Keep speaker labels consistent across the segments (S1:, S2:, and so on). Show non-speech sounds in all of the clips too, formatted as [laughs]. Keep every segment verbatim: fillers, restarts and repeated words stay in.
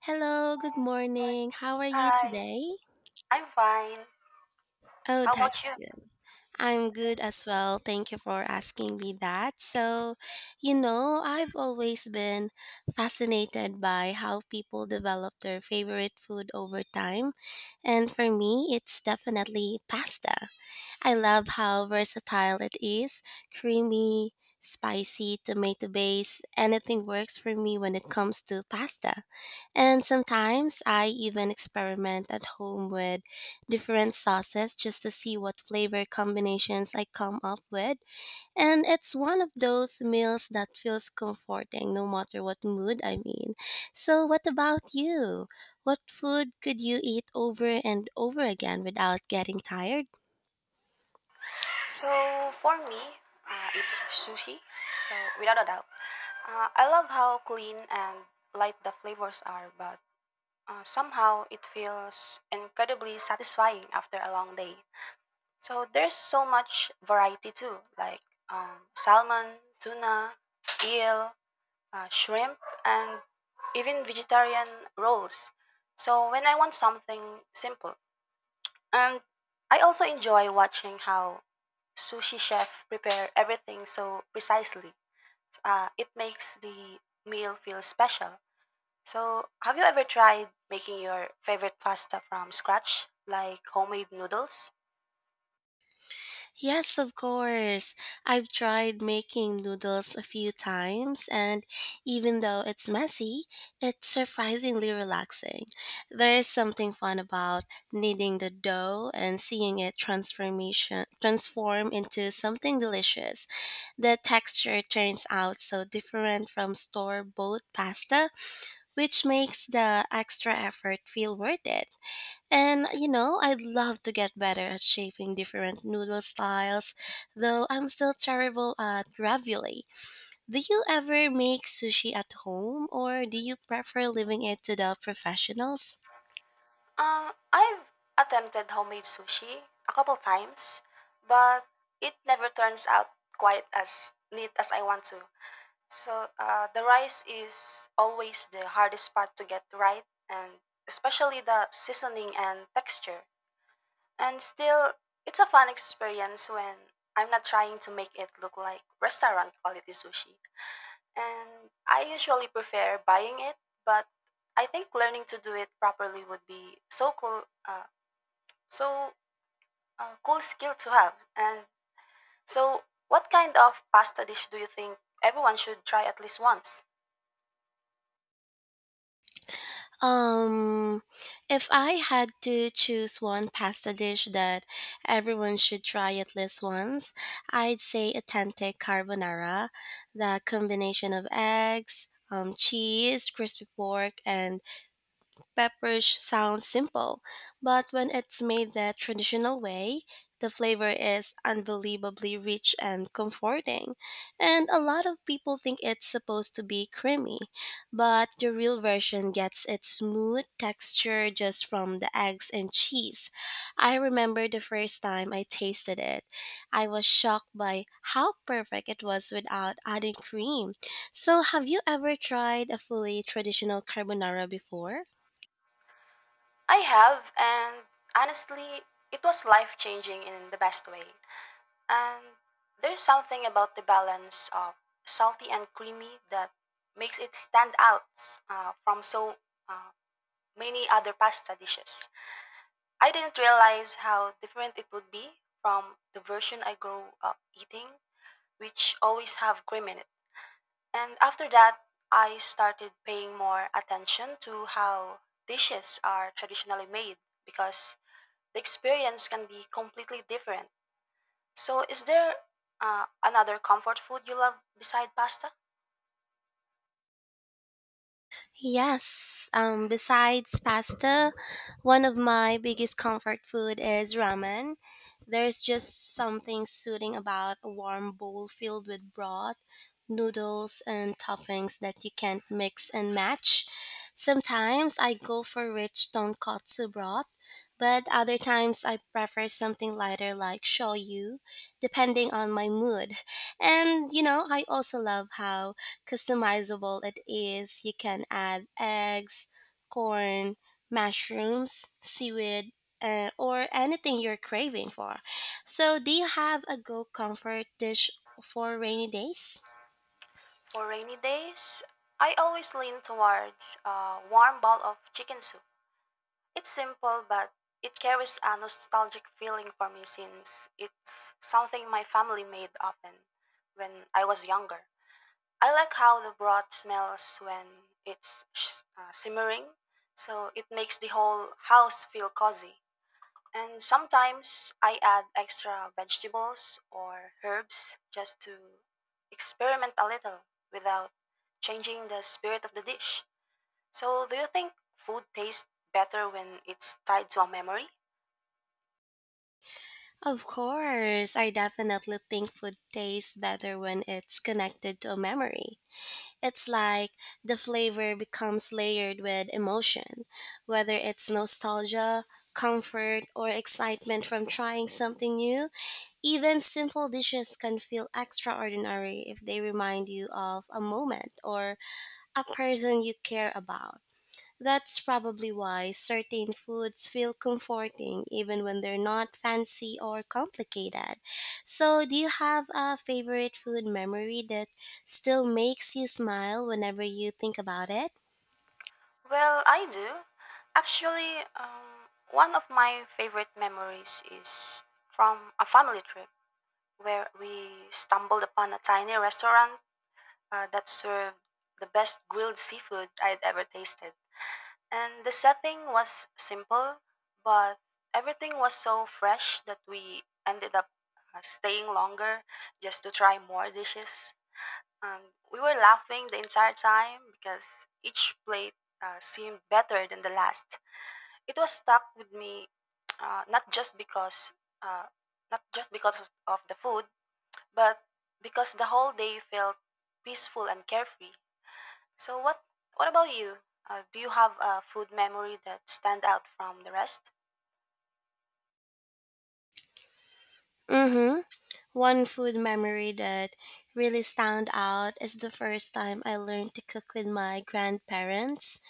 S1: Hello, good morning. How are you
S2: Hi,
S1: today?
S2: I'm fine.
S1: Oh,
S2: How about
S1: that's
S2: you?
S1: good. I'm good as well. Thank you for asking me that. So, you know, I've always been fascinated by how people develop their favorite food over time. And for me, it's definitely pasta. I love how versatile it is, creamy, spicy, tomato based, anything works for me when it comes to pasta. And sometimes I even experiment at home with different sauces just to see what flavor combinations I come up with. And it's one of those meals that feels comforting no matter what mood I'm in. So, what about you? What food could you eat over and over again without getting tired?
S2: So for me, uh, it's sushi. So without a doubt, uh, I love how clean and light the flavors are, but uh, somehow it feels incredibly satisfying after a long day. So there's so much variety too, like um, salmon, tuna, eel, uh, shrimp, and even vegetarian rolls. So when I want something simple. And I also enjoy watching how sushi chef prepare everything so precisely. Uh, it makes the meal feel special. So, have you ever tried making your favorite pasta from scratch, like homemade noodles?
S1: Yes, of course. I've tried making noodles a few times, and even though it's messy, it's surprisingly relaxing. There is something fun about kneading the dough and seeing it transformation transform into something delicious. The texture turns out so different from store-bought pasta, which makes the extra effort feel worth it. And you know, I'd love to get better at shaping different noodle styles, though I'm still terrible at ravioli. Do you ever make sushi at home or do you prefer leaving it to the professionals?
S2: Um, I've attempted homemade sushi a couple times, but it never turns out quite as neat as I want to. So uh, the rice is always the hardest part to get right, and especially the seasoning and texture. And still, it's a fun experience when I'm not trying to make it look like restaurant quality sushi. And I usually prefer buying it, but I think learning to do it properly would be so cool, uh, so uh, cool skill to have. And so, what kind of pasta dish do you think everyone should try at least once?
S1: Um, if I had to choose one pasta dish that everyone should try at least once, I'd say authentic carbonara. The combination of eggs, um, cheese, crispy pork, and pepper sounds simple, but when it's made the traditional way, the flavor is unbelievably rich and comforting. And a lot of people think it's supposed to be creamy, but the real version gets its smooth texture just from the eggs and cheese. I remember the first time I tasted it. I was shocked by how perfect it was without adding cream. So, have you ever tried a fully traditional carbonara before?
S2: I have, and honestly, it was life changing in the best way. And there's something about the balance of salty and creamy that makes it stand out uh, from so uh, many other pasta dishes. I didn't realize how different it would be from the version I grew up eating, which always have cream in it. And after that, I started paying more attention to how dishes are traditionally made because the experience can be completely different. So, is there uh, another comfort food you love beside pasta?
S1: Yes, um, besides pasta, one of my biggest comfort food is ramen. There's just something soothing about a warm bowl filled with broth, noodles, and toppings that you can't mix and match. Sometimes I go for rich tonkatsu broth, but other times I prefer something lighter like shoyu, depending on my mood. And you know, I also love how customizable it is. You can add eggs, corn, mushrooms, seaweed, uh, or anything you're craving for. So, do you have a go comfort dish for rainy days?
S2: For rainy days, I always lean towards a warm bowl of chicken soup. It's simple, but it carries a nostalgic feeling for me since it's something my family made often when I was younger. I like how the broth smells when it's sh- uh, simmering, so it makes the whole house feel cozy. And sometimes I add extra vegetables or herbs just to experiment a little without changing the spirit of the dish. So, do you think food tastes better when it's tied to a memory?
S1: Of course, I definitely think food tastes better when it's connected to a memory. It's like the flavor becomes layered with emotion, whether it's nostalgia, comfort, or excitement from trying something new. Even simple dishes can feel extraordinary if they remind you of a moment or a person you care about. That's probably why certain foods feel comforting even when they're not fancy or complicated. So, do you have a favorite food memory that still makes you smile whenever you think about it?
S2: Well, I do. Actually, um, one of my favorite memories is from a family trip where we stumbled upon a tiny restaurant uh, that served the best grilled seafood I'd ever tasted. And the setting was simple, but everything was so fresh that we ended up uh, staying longer just to try more dishes. Um, we were laughing the entire time because each plate uh, seemed better than the last. It was stuck with me, uh, not just because uh, not just because of of the food, but because the whole day felt peaceful and carefree. So what what about you? Uh, do you have a food memory that stand out from the rest?
S1: Mm-hmm. One food memory that really stand out is the first time I learned to cook with my grandparents.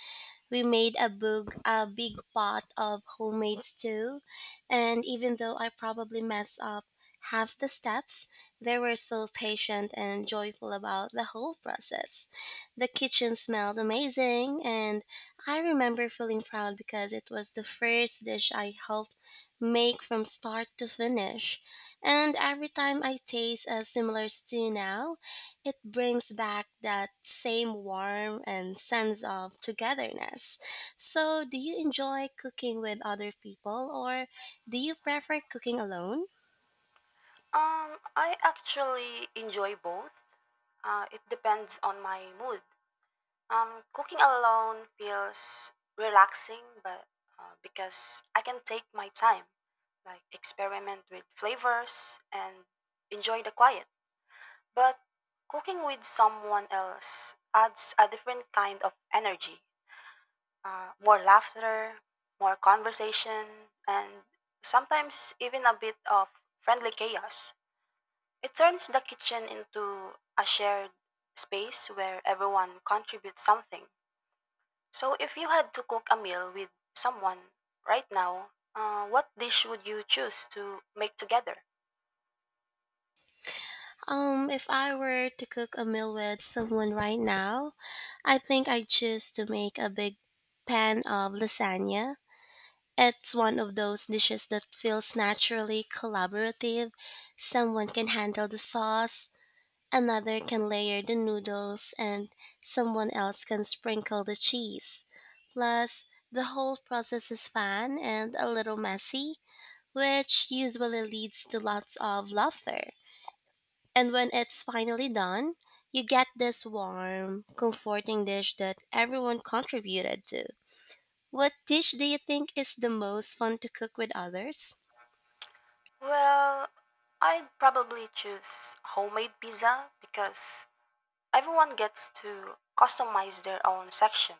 S1: We made a, big a big pot of homemade stew, and even though I probably messed up half the steps, they were so patient and joyful about the whole process. The kitchen smelled amazing, and I remember feeling proud because it was the first dish I helped make from start to finish. And every time I taste a similar stew now, it brings back that same warmth and sense of togetherness. So, do you enjoy cooking with other people or do you prefer cooking alone?
S2: Um, I actually enjoy both. Uh, it depends on my mood. Um, cooking alone feels relaxing, but uh, because I can take my time, like experiment with flavors and enjoy the quiet. But cooking with someone else adds a different kind of energy. Uh, more laughter, more conversation, and sometimes even a bit of friendly chaos. It turns the kitchen into a shared space where everyone contributes something. So, if you had to cook a meal with someone right now, uh, what dish would you choose to make together?
S1: Um, if I were to cook a meal with someone right now, I think I choose to make a big pan of lasagna. It's one of those dishes that feels naturally collaborative. Someone can handle the sauce, another can layer the noodles, and someone else can sprinkle the cheese. Plus, the whole process is fun and a little messy, which usually leads to lots of laughter. And when it's finally done, you get this warm, comforting dish that everyone contributed to. What dish do you think is the most fun to cook with others?
S2: Well, I'd probably choose homemade pizza because everyone gets to customize their own section.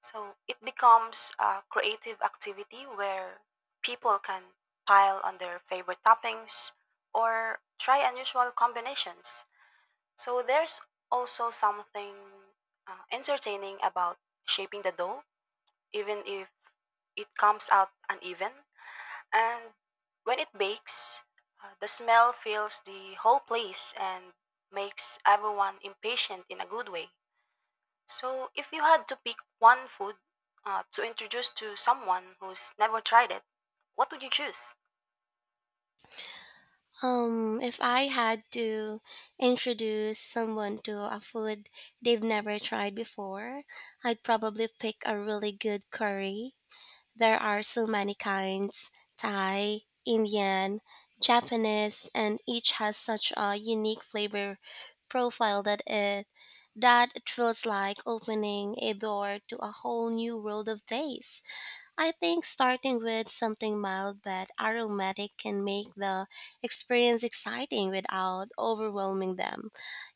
S2: So it becomes a creative activity where people can pile on their favorite toppings or try unusual combinations. So there's also something uh, entertaining about shaping the dough, even if it comes out uneven. And when it bakes, uh, the smell fills the whole place and makes everyone impatient in a good way. So, if you had to pick one food uh, to introduce to someone who's never tried it, what would you choose?
S1: Um, if I had to introduce someone to a food they've never tried before, I'd probably pick a really good curry. There are so many kinds, Thai, Indian, Japanese, and each has such a unique flavor profile that it that it feels like opening a door to a whole new world of taste. I think starting with something mild but aromatic can make the experience exciting without overwhelming them.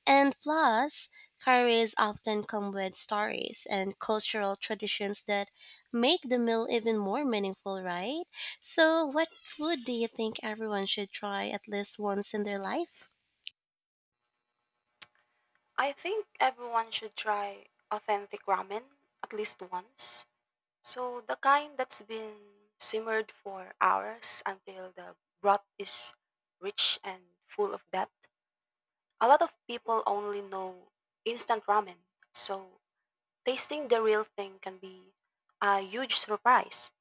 S1: And plus, curries often come with stories and cultural traditions that make the meal even more meaningful, right? So, what food do you think everyone should try at least once in their life?
S2: I think everyone should try authentic ramen at least once. So, the kind that's been simmered for hours until the broth is rich and full of depth. A lot of people only know instant ramen, so tasting the real thing can be a huge surprise.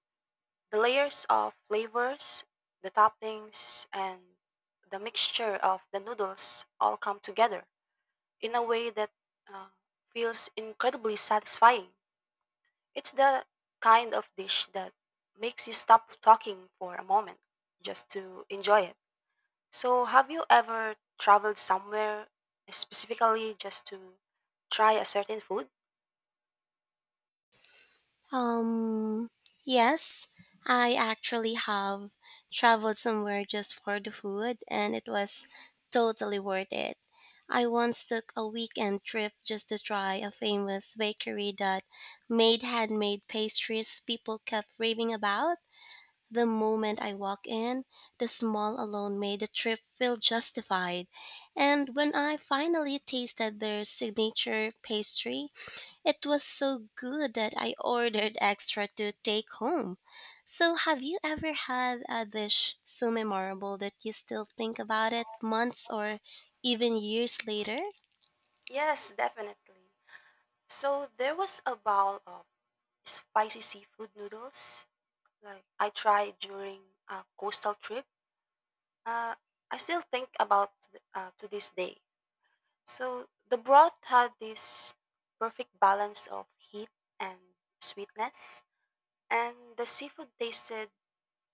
S2: The layers of flavors, the toppings, and the mixture of the noodles all come together in a way that uh, feels incredibly satisfying. It's the kind of dish that makes you stop talking for a moment just to enjoy it. So, have you ever traveled somewhere specifically just to try a certain food?
S1: Um, yes, I actually have traveled somewhere just for the food, and it was totally worth it. I once took a weekend trip just to try a famous bakery that made handmade pastries people kept raving about. The moment I walked in, the smell alone made the trip feel justified. And when I finally tasted their signature pastry, it was so good that I ordered extra to take home. So, have you ever had a dish so memorable that you still think about it months or even years later?
S2: Yes, definitely. So, there was a bowl of spicy seafood noodles like I tried during a coastal trip. Uh, I still think about th- uh, to this day. So the broth had this perfect balance of heat and sweetness, and the seafood tasted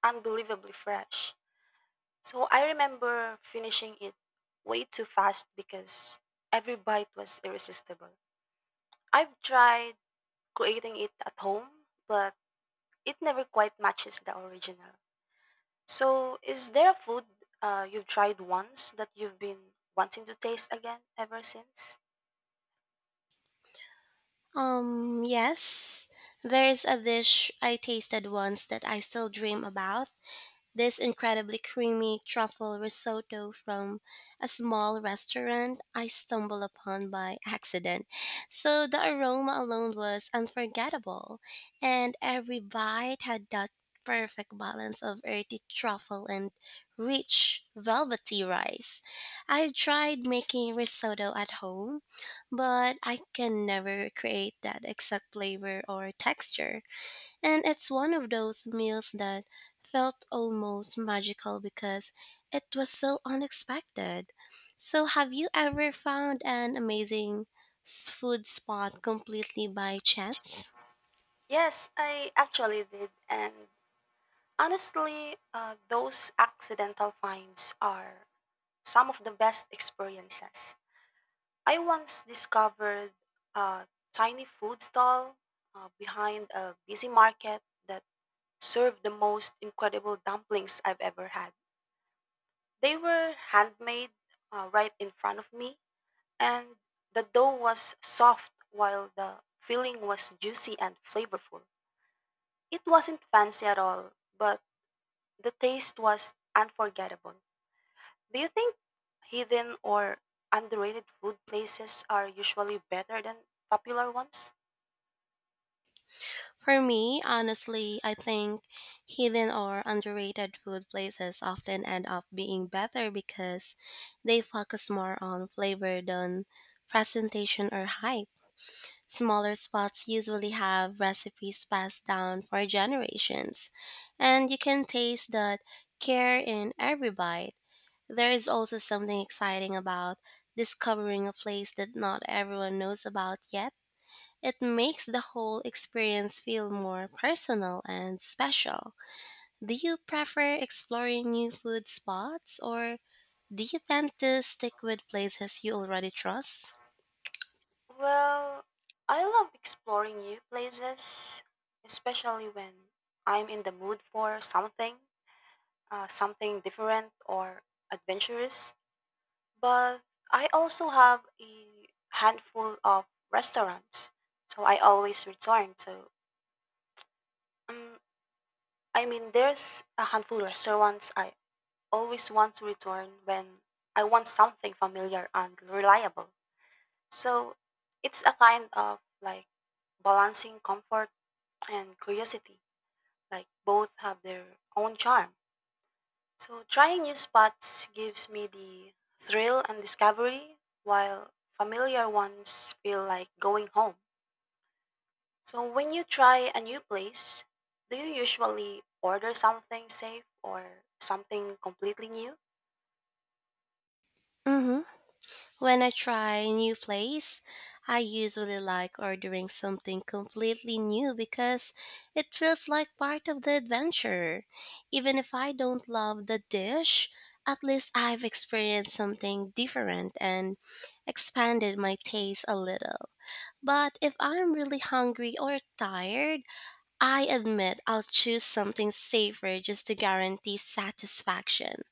S2: unbelievably fresh. So I remember finishing it way too fast because every bite was irresistible. I've tried creating it at home, but it never quite matches the original. So, is there a food uh, you've tried once that you've been wanting to taste again ever since?
S1: Um, yes. There's a dish I tasted once that I still dream about. This incredibly creamy truffle risotto from a small restaurant I stumbled upon by accident. So the aroma alone was unforgettable, and every bite had that perfect balance of earthy truffle and rich velvety rice. I've tried making risotto at home, but I can never create that exact flavor or texture. And it's one of those meals that felt almost magical because it was so unexpected. So, have you ever found an amazing s- food spot completely by chance?
S2: Yes, I actually did. And honestly, uh, those accidental finds are some of the best experiences. I once discovered a tiny food stall uh, behind a busy market that served the most incredible dumplings I've ever had. They were handmade uh, right in front of me and the dough was soft while the filling was juicy and flavorful. It wasn't fancy at all, but the taste was unforgettable. Do you think hidden or underrated food places are usually better than popular ones?
S1: For me, honestly, I think hidden or underrated food places often end up being better because they focus more on flavor than presentation or hype. Smaller spots usually have recipes passed down for generations, and you can taste that care in every bite. There is also something exciting about discovering a place that not everyone knows about yet. It makes the whole experience feel more personal and special. Do you prefer exploring new food spots or do you tend to stick with places you already trust?
S2: Well, I love exploring new places, especially when I'm in the mood for something, uh, something different or adventurous. But I also have a handful of restaurants, so I always return to. Um, I mean, there's a handful of restaurants I always want to return when I want something familiar and reliable. So it's a kind of like balancing comfort and curiosity, like both have their own charm. So trying new spots gives me the thrill and discovery, while familiar ones feel like going home. So when you try a new place, do you usually order something safe or something completely new?
S1: Mm hmm. When I try new place, I usually like ordering something completely new because it feels like part of the adventure. Even if I don't love the dish, at least I've experienced something different and expanded my taste a little. But if I'm really hungry or tired, I admit I'll choose something safer just to guarantee satisfaction.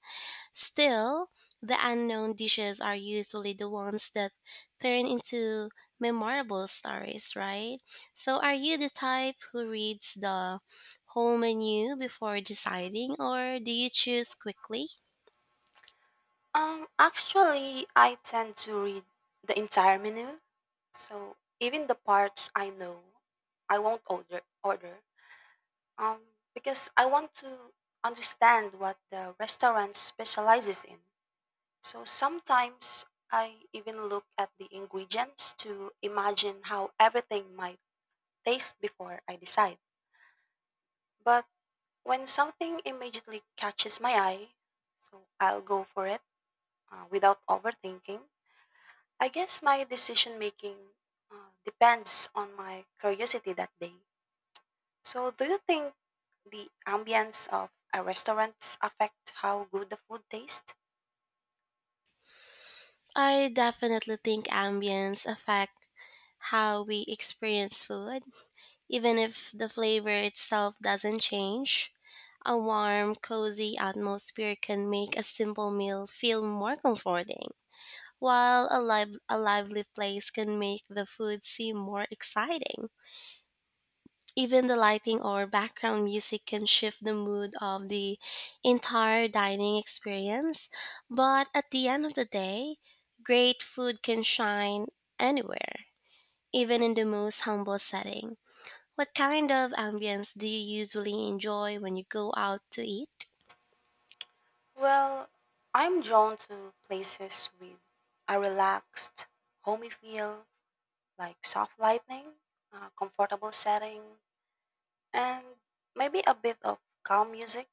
S1: Still, the unknown dishes are usually the ones that turn into memorable stories, right? So, are you the type who reads the whole menu before deciding, or do you choose quickly?
S2: Um actually, I tend to read the entire menu. So even the parts I know I won't order order. Um because I want to understand what the restaurant specializes in. So sometimes I even look at the ingredients to imagine how everything might taste before I decide. But when something immediately catches my eye, so I'll go for it uh, without overthinking. I guess my decision making uh, depends on my curiosity that day. So, do you think the ambience of a restaurant affect how good the food tastes?
S1: I definitely think ambience affect how we experience food, even if the flavor itself doesn't change. A warm, cozy atmosphere can make a simple meal feel more comforting, while a, live, a lively place can make the food seem more exciting. Even the lighting or background music can shift the mood of the entire dining experience, but at the end of the day, great food can shine anywhere, even in the most humble setting. What kind of ambience do you usually enjoy when you go out to eat?
S2: Well, I'm drawn to places with a relaxed, homey feel, like soft lighting, a comfortable setting, and maybe a bit of calm music.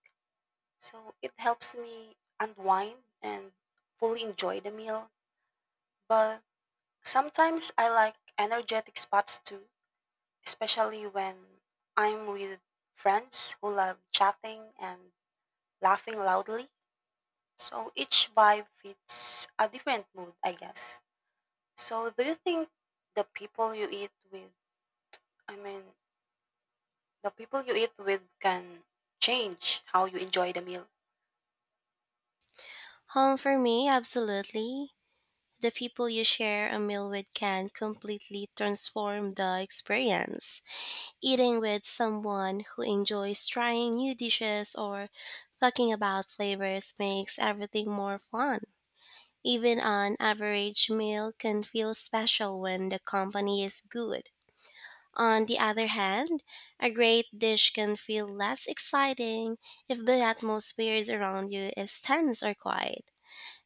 S2: So it helps me unwind and fully enjoy the meal. But sometimes I like energetic spots too, especially when I'm with friends who love chatting and laughing loudly. So each vibe fits a different mood, I guess. So do you think the people you eat with, I mean, the people you eat with can change how you enjoy the meal?
S1: Home for me, absolutely. The people you share a meal with can completely transform the experience. Eating with someone who enjoys trying new dishes or talking about flavors makes everything more fun. Even an average meal can feel special when the company is good. On the other hand, a great dish can feel less exciting if the atmosphere around you is tense or quiet.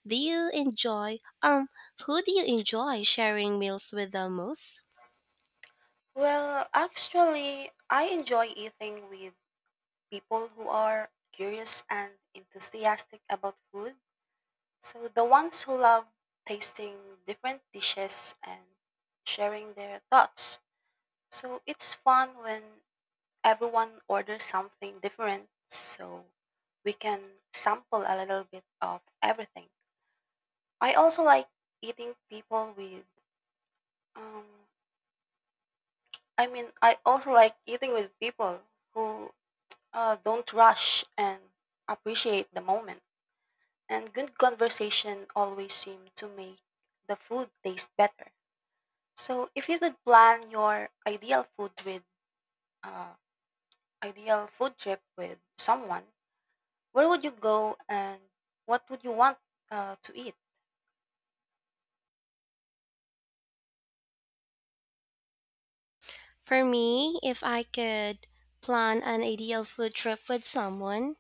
S1: Do you enjoy um who do you enjoy sharing meals with the most?
S2: Well, actually, I enjoy eating with people who are curious and enthusiastic about food. So the ones who love tasting different dishes and sharing their thoughts. So it's fun when everyone orders something different so we can sample a little bit of everything. I also like eating people with um I mean I also like eating with people who uh, don't rush and appreciate the moment. And good conversation always seem to make the food taste better. So if you could plan your ideal food with uh, ideal food trip with someone, where would you go and what would you want uh, to eat?
S1: For me, if I could plan an ideal food trip with someone,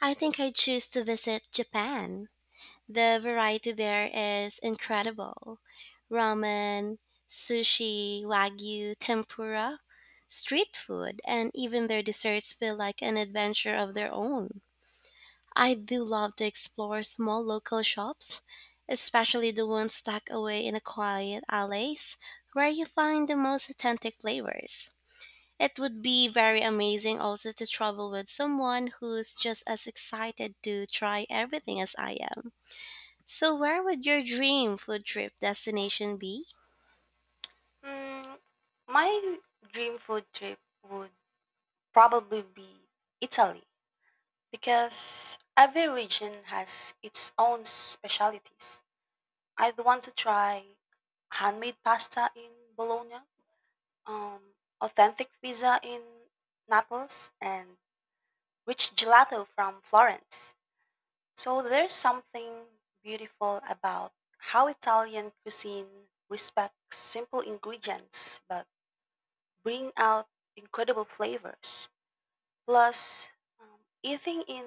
S1: I think I'd choose to visit Japan. The variety there is incredible. Ramen, sushi, wagyu, tempura, street food, and even their desserts feel like an adventure of their own. I do love to explore small local shops, especially the ones tucked away in a quiet alleys where you find the most authentic flavors. It would be very amazing also to travel with someone who's just as excited to try everything as I am. So, where would your dream food trip destination be?
S2: Mm, my dream food trip would probably be Italy because every region has its own specialities. I'd want to try handmade pasta in Bologna, um, authentic pizza in Naples, and rich gelato from Florence. So there's something beautiful about how Italian cuisine respects simple ingredients but bring out incredible flavors. Plus, um, eating in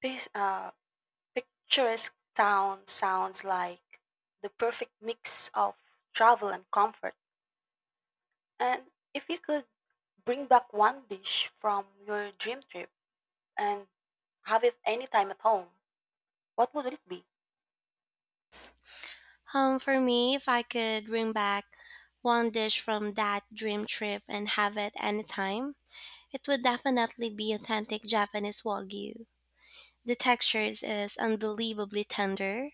S2: pis- uh, picturesque town sounds like the perfect mix of travel and comfort. And if you could bring back one dish from your dream trip and have it anytime at home, what would it be?
S1: Um, for me, if I could bring back one dish from that dream trip and have it anytime, it would definitely be authentic Japanese wagyu. The texture is unbelievably tender,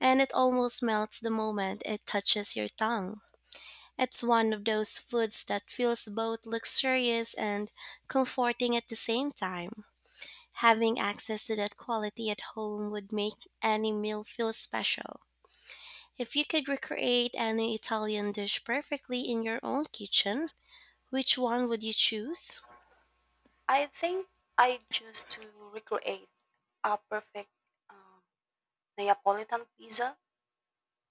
S1: and it almost melts the moment it touches your tongue. It's one of those foods that feels both luxurious and comforting at the same time. Having access to that quality at home would make any meal feel special. If you could recreate any Italian dish perfectly in your own kitchen, which one would you choose?
S2: I think I choose to recreate a perfect um, Neapolitan pizza.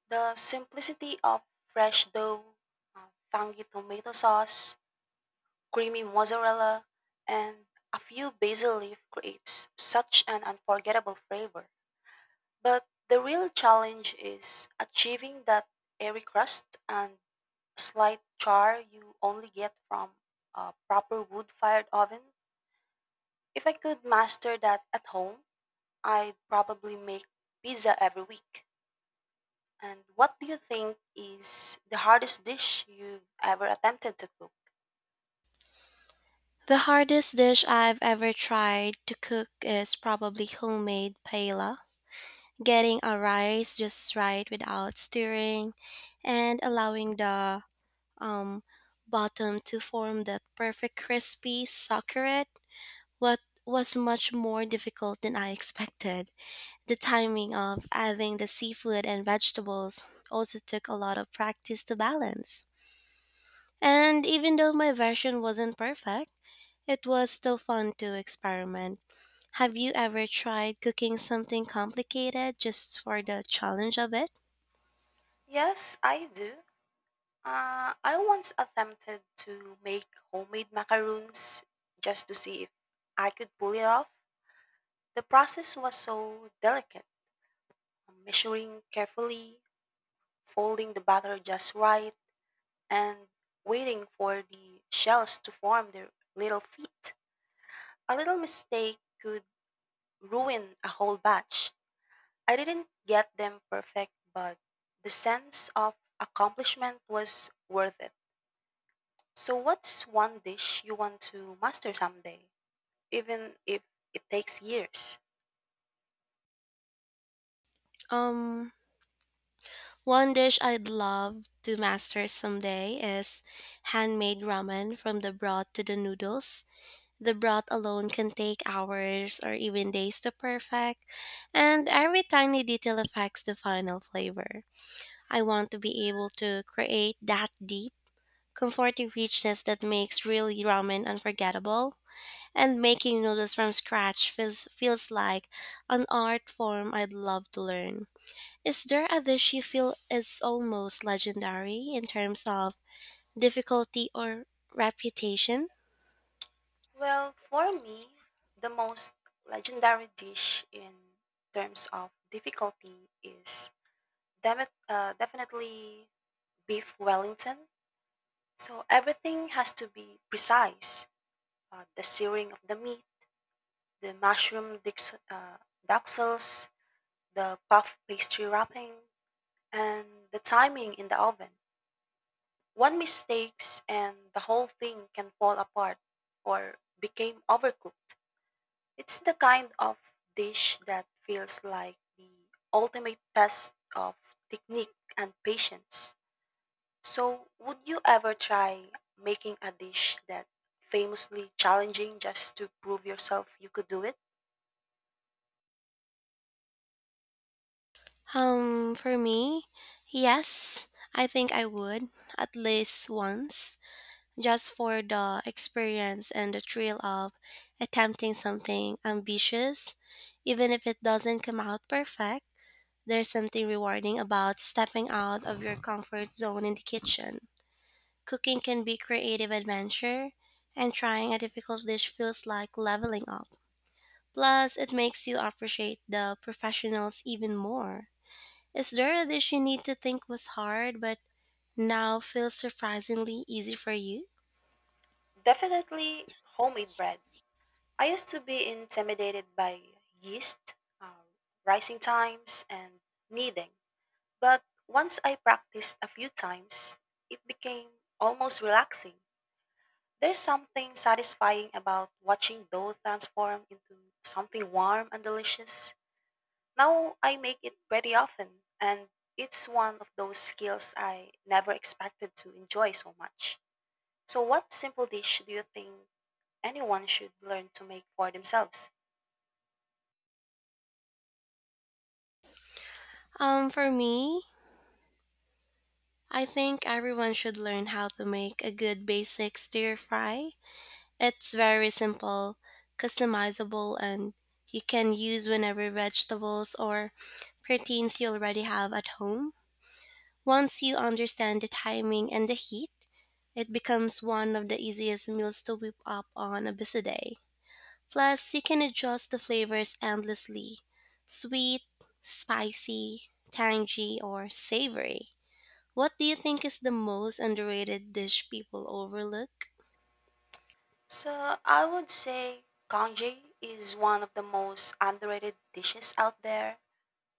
S2: The simplicity of fresh dough, uh, tangy tomato sauce, creamy mozzarella, and a few basil leaf creates such an unforgettable flavor. But the real challenge is achieving that airy crust and slight char you only get from a proper wood-fired oven. If I could master that at home, I'd probably make pizza every week. And what do you think is the hardest dish you've ever attempted to cook?
S1: The hardest dish I've ever tried to cook is probably homemade paella. Getting a rice just right without stirring and allowing the um, bottom to form that perfect crispy succulent what was much more difficult than I [laughs] expected. The timing of adding the seafood and vegetables also took a lot of practice to balance, and even though my version wasn't perfect, it was still fun to experiment. Have you ever tried cooking something complicated just for the challenge of it?
S2: Yes, I do. Uh, I once attempted to make homemade macaroons just to see if I could pull it off. The process was so delicate, measuring carefully, folding the batter just right, and waiting for the shells to form their little feet. A little mistake could ruin a whole batch. I didn't get them perfect, but the sense of accomplishment was worth it. So, what's one dish you want to master someday, even if it takes years?
S1: Um, One dish I'd love to master someday is handmade ramen, from the broth to the noodles. The broth alone can take hours or even days to perfect, and every tiny detail affects the final flavor. I want to be able to create that deep, comforting richness that makes really ramen unforgettable. And making noodles from scratch feels, feels like an art form I'd love to learn. Is there a dish you feel is almost legendary in terms of difficulty or reputation?
S2: Well, for me, the most legendary dish in terms of difficulty is demi- uh, definitely beef Wellington. So, everything has to be precise uh, the searing of the meat the mushroom dix- uh, duxels, the puff pastry wrapping, and the timing in the oven. One mistake, and the whole thing can fall apart or became overcooked. It's the kind of dish that feels like the ultimate test of technique and patience. So, would you ever try making a dish that famously challenging just to prove yourself you could do it?
S1: Um, for me, yes, I think I would at least once, just for the experience and the thrill of attempting something ambitious, even if it doesn't come out perfect. There's something rewarding about stepping out of your comfort zone in the kitchen. Cooking can be creative adventure, and trying a difficult dish feels like leveling up. Plus, it makes you appreciate the professionals even more. Is there a dish you need to think was hard but now feels surprisingly easy for you?
S2: Definitely homemade bread. I used to be intimidated by yeast, uh, rising times, and kneading, but once I practiced a few times, it became almost relaxing. There's something satisfying about watching dough transform into something warm and delicious. Now I make it pretty often, and it's one of those skills I never expected to enjoy so much. So, what simple dish do you think anyone should learn to make for themselves?
S1: Um, for me, I think everyone should learn how to make a good basic stir fry. It's very simple, customizable, and you can use whenever vegetables or proteins you already have at home. Once you understand the timing and the heat, it becomes one of the easiest meals to whip up on a busy day. Plus, you can adjust the flavors endlessly, sweet, spicy, tangy, or savory. What do you think is the most underrated dish people overlook?
S2: So I would say congee is one of the most underrated dishes out there.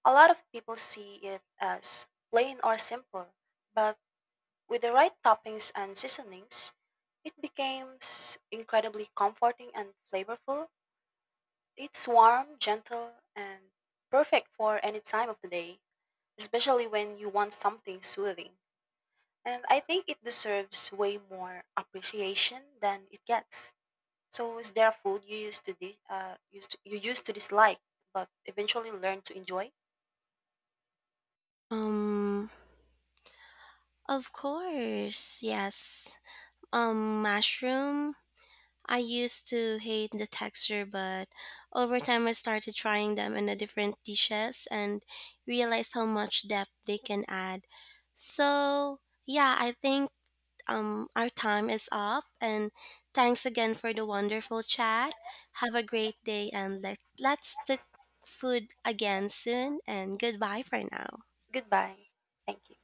S2: A lot of people see it as plain or simple, but with the right toppings and seasonings, it becomes incredibly comforting and flavorful. It's warm, gentle, and perfect for any time of the day, especially when you want something soothing. And I think it deserves way more appreciation than it gets. So is there a food you used to di- uh, used to, you used to dislike but eventually learned to enjoy?
S1: Um, of course, yes. Um, mushroom, I used to hate the texture, but over time I started trying them in a different dishes and realized how much depth they can add. So, yeah, I think um our time is up, and thanks again for the wonderful chat. Have a great day, and let let's cook food again soon, and goodbye for now.
S2: Goodbye. Thank you.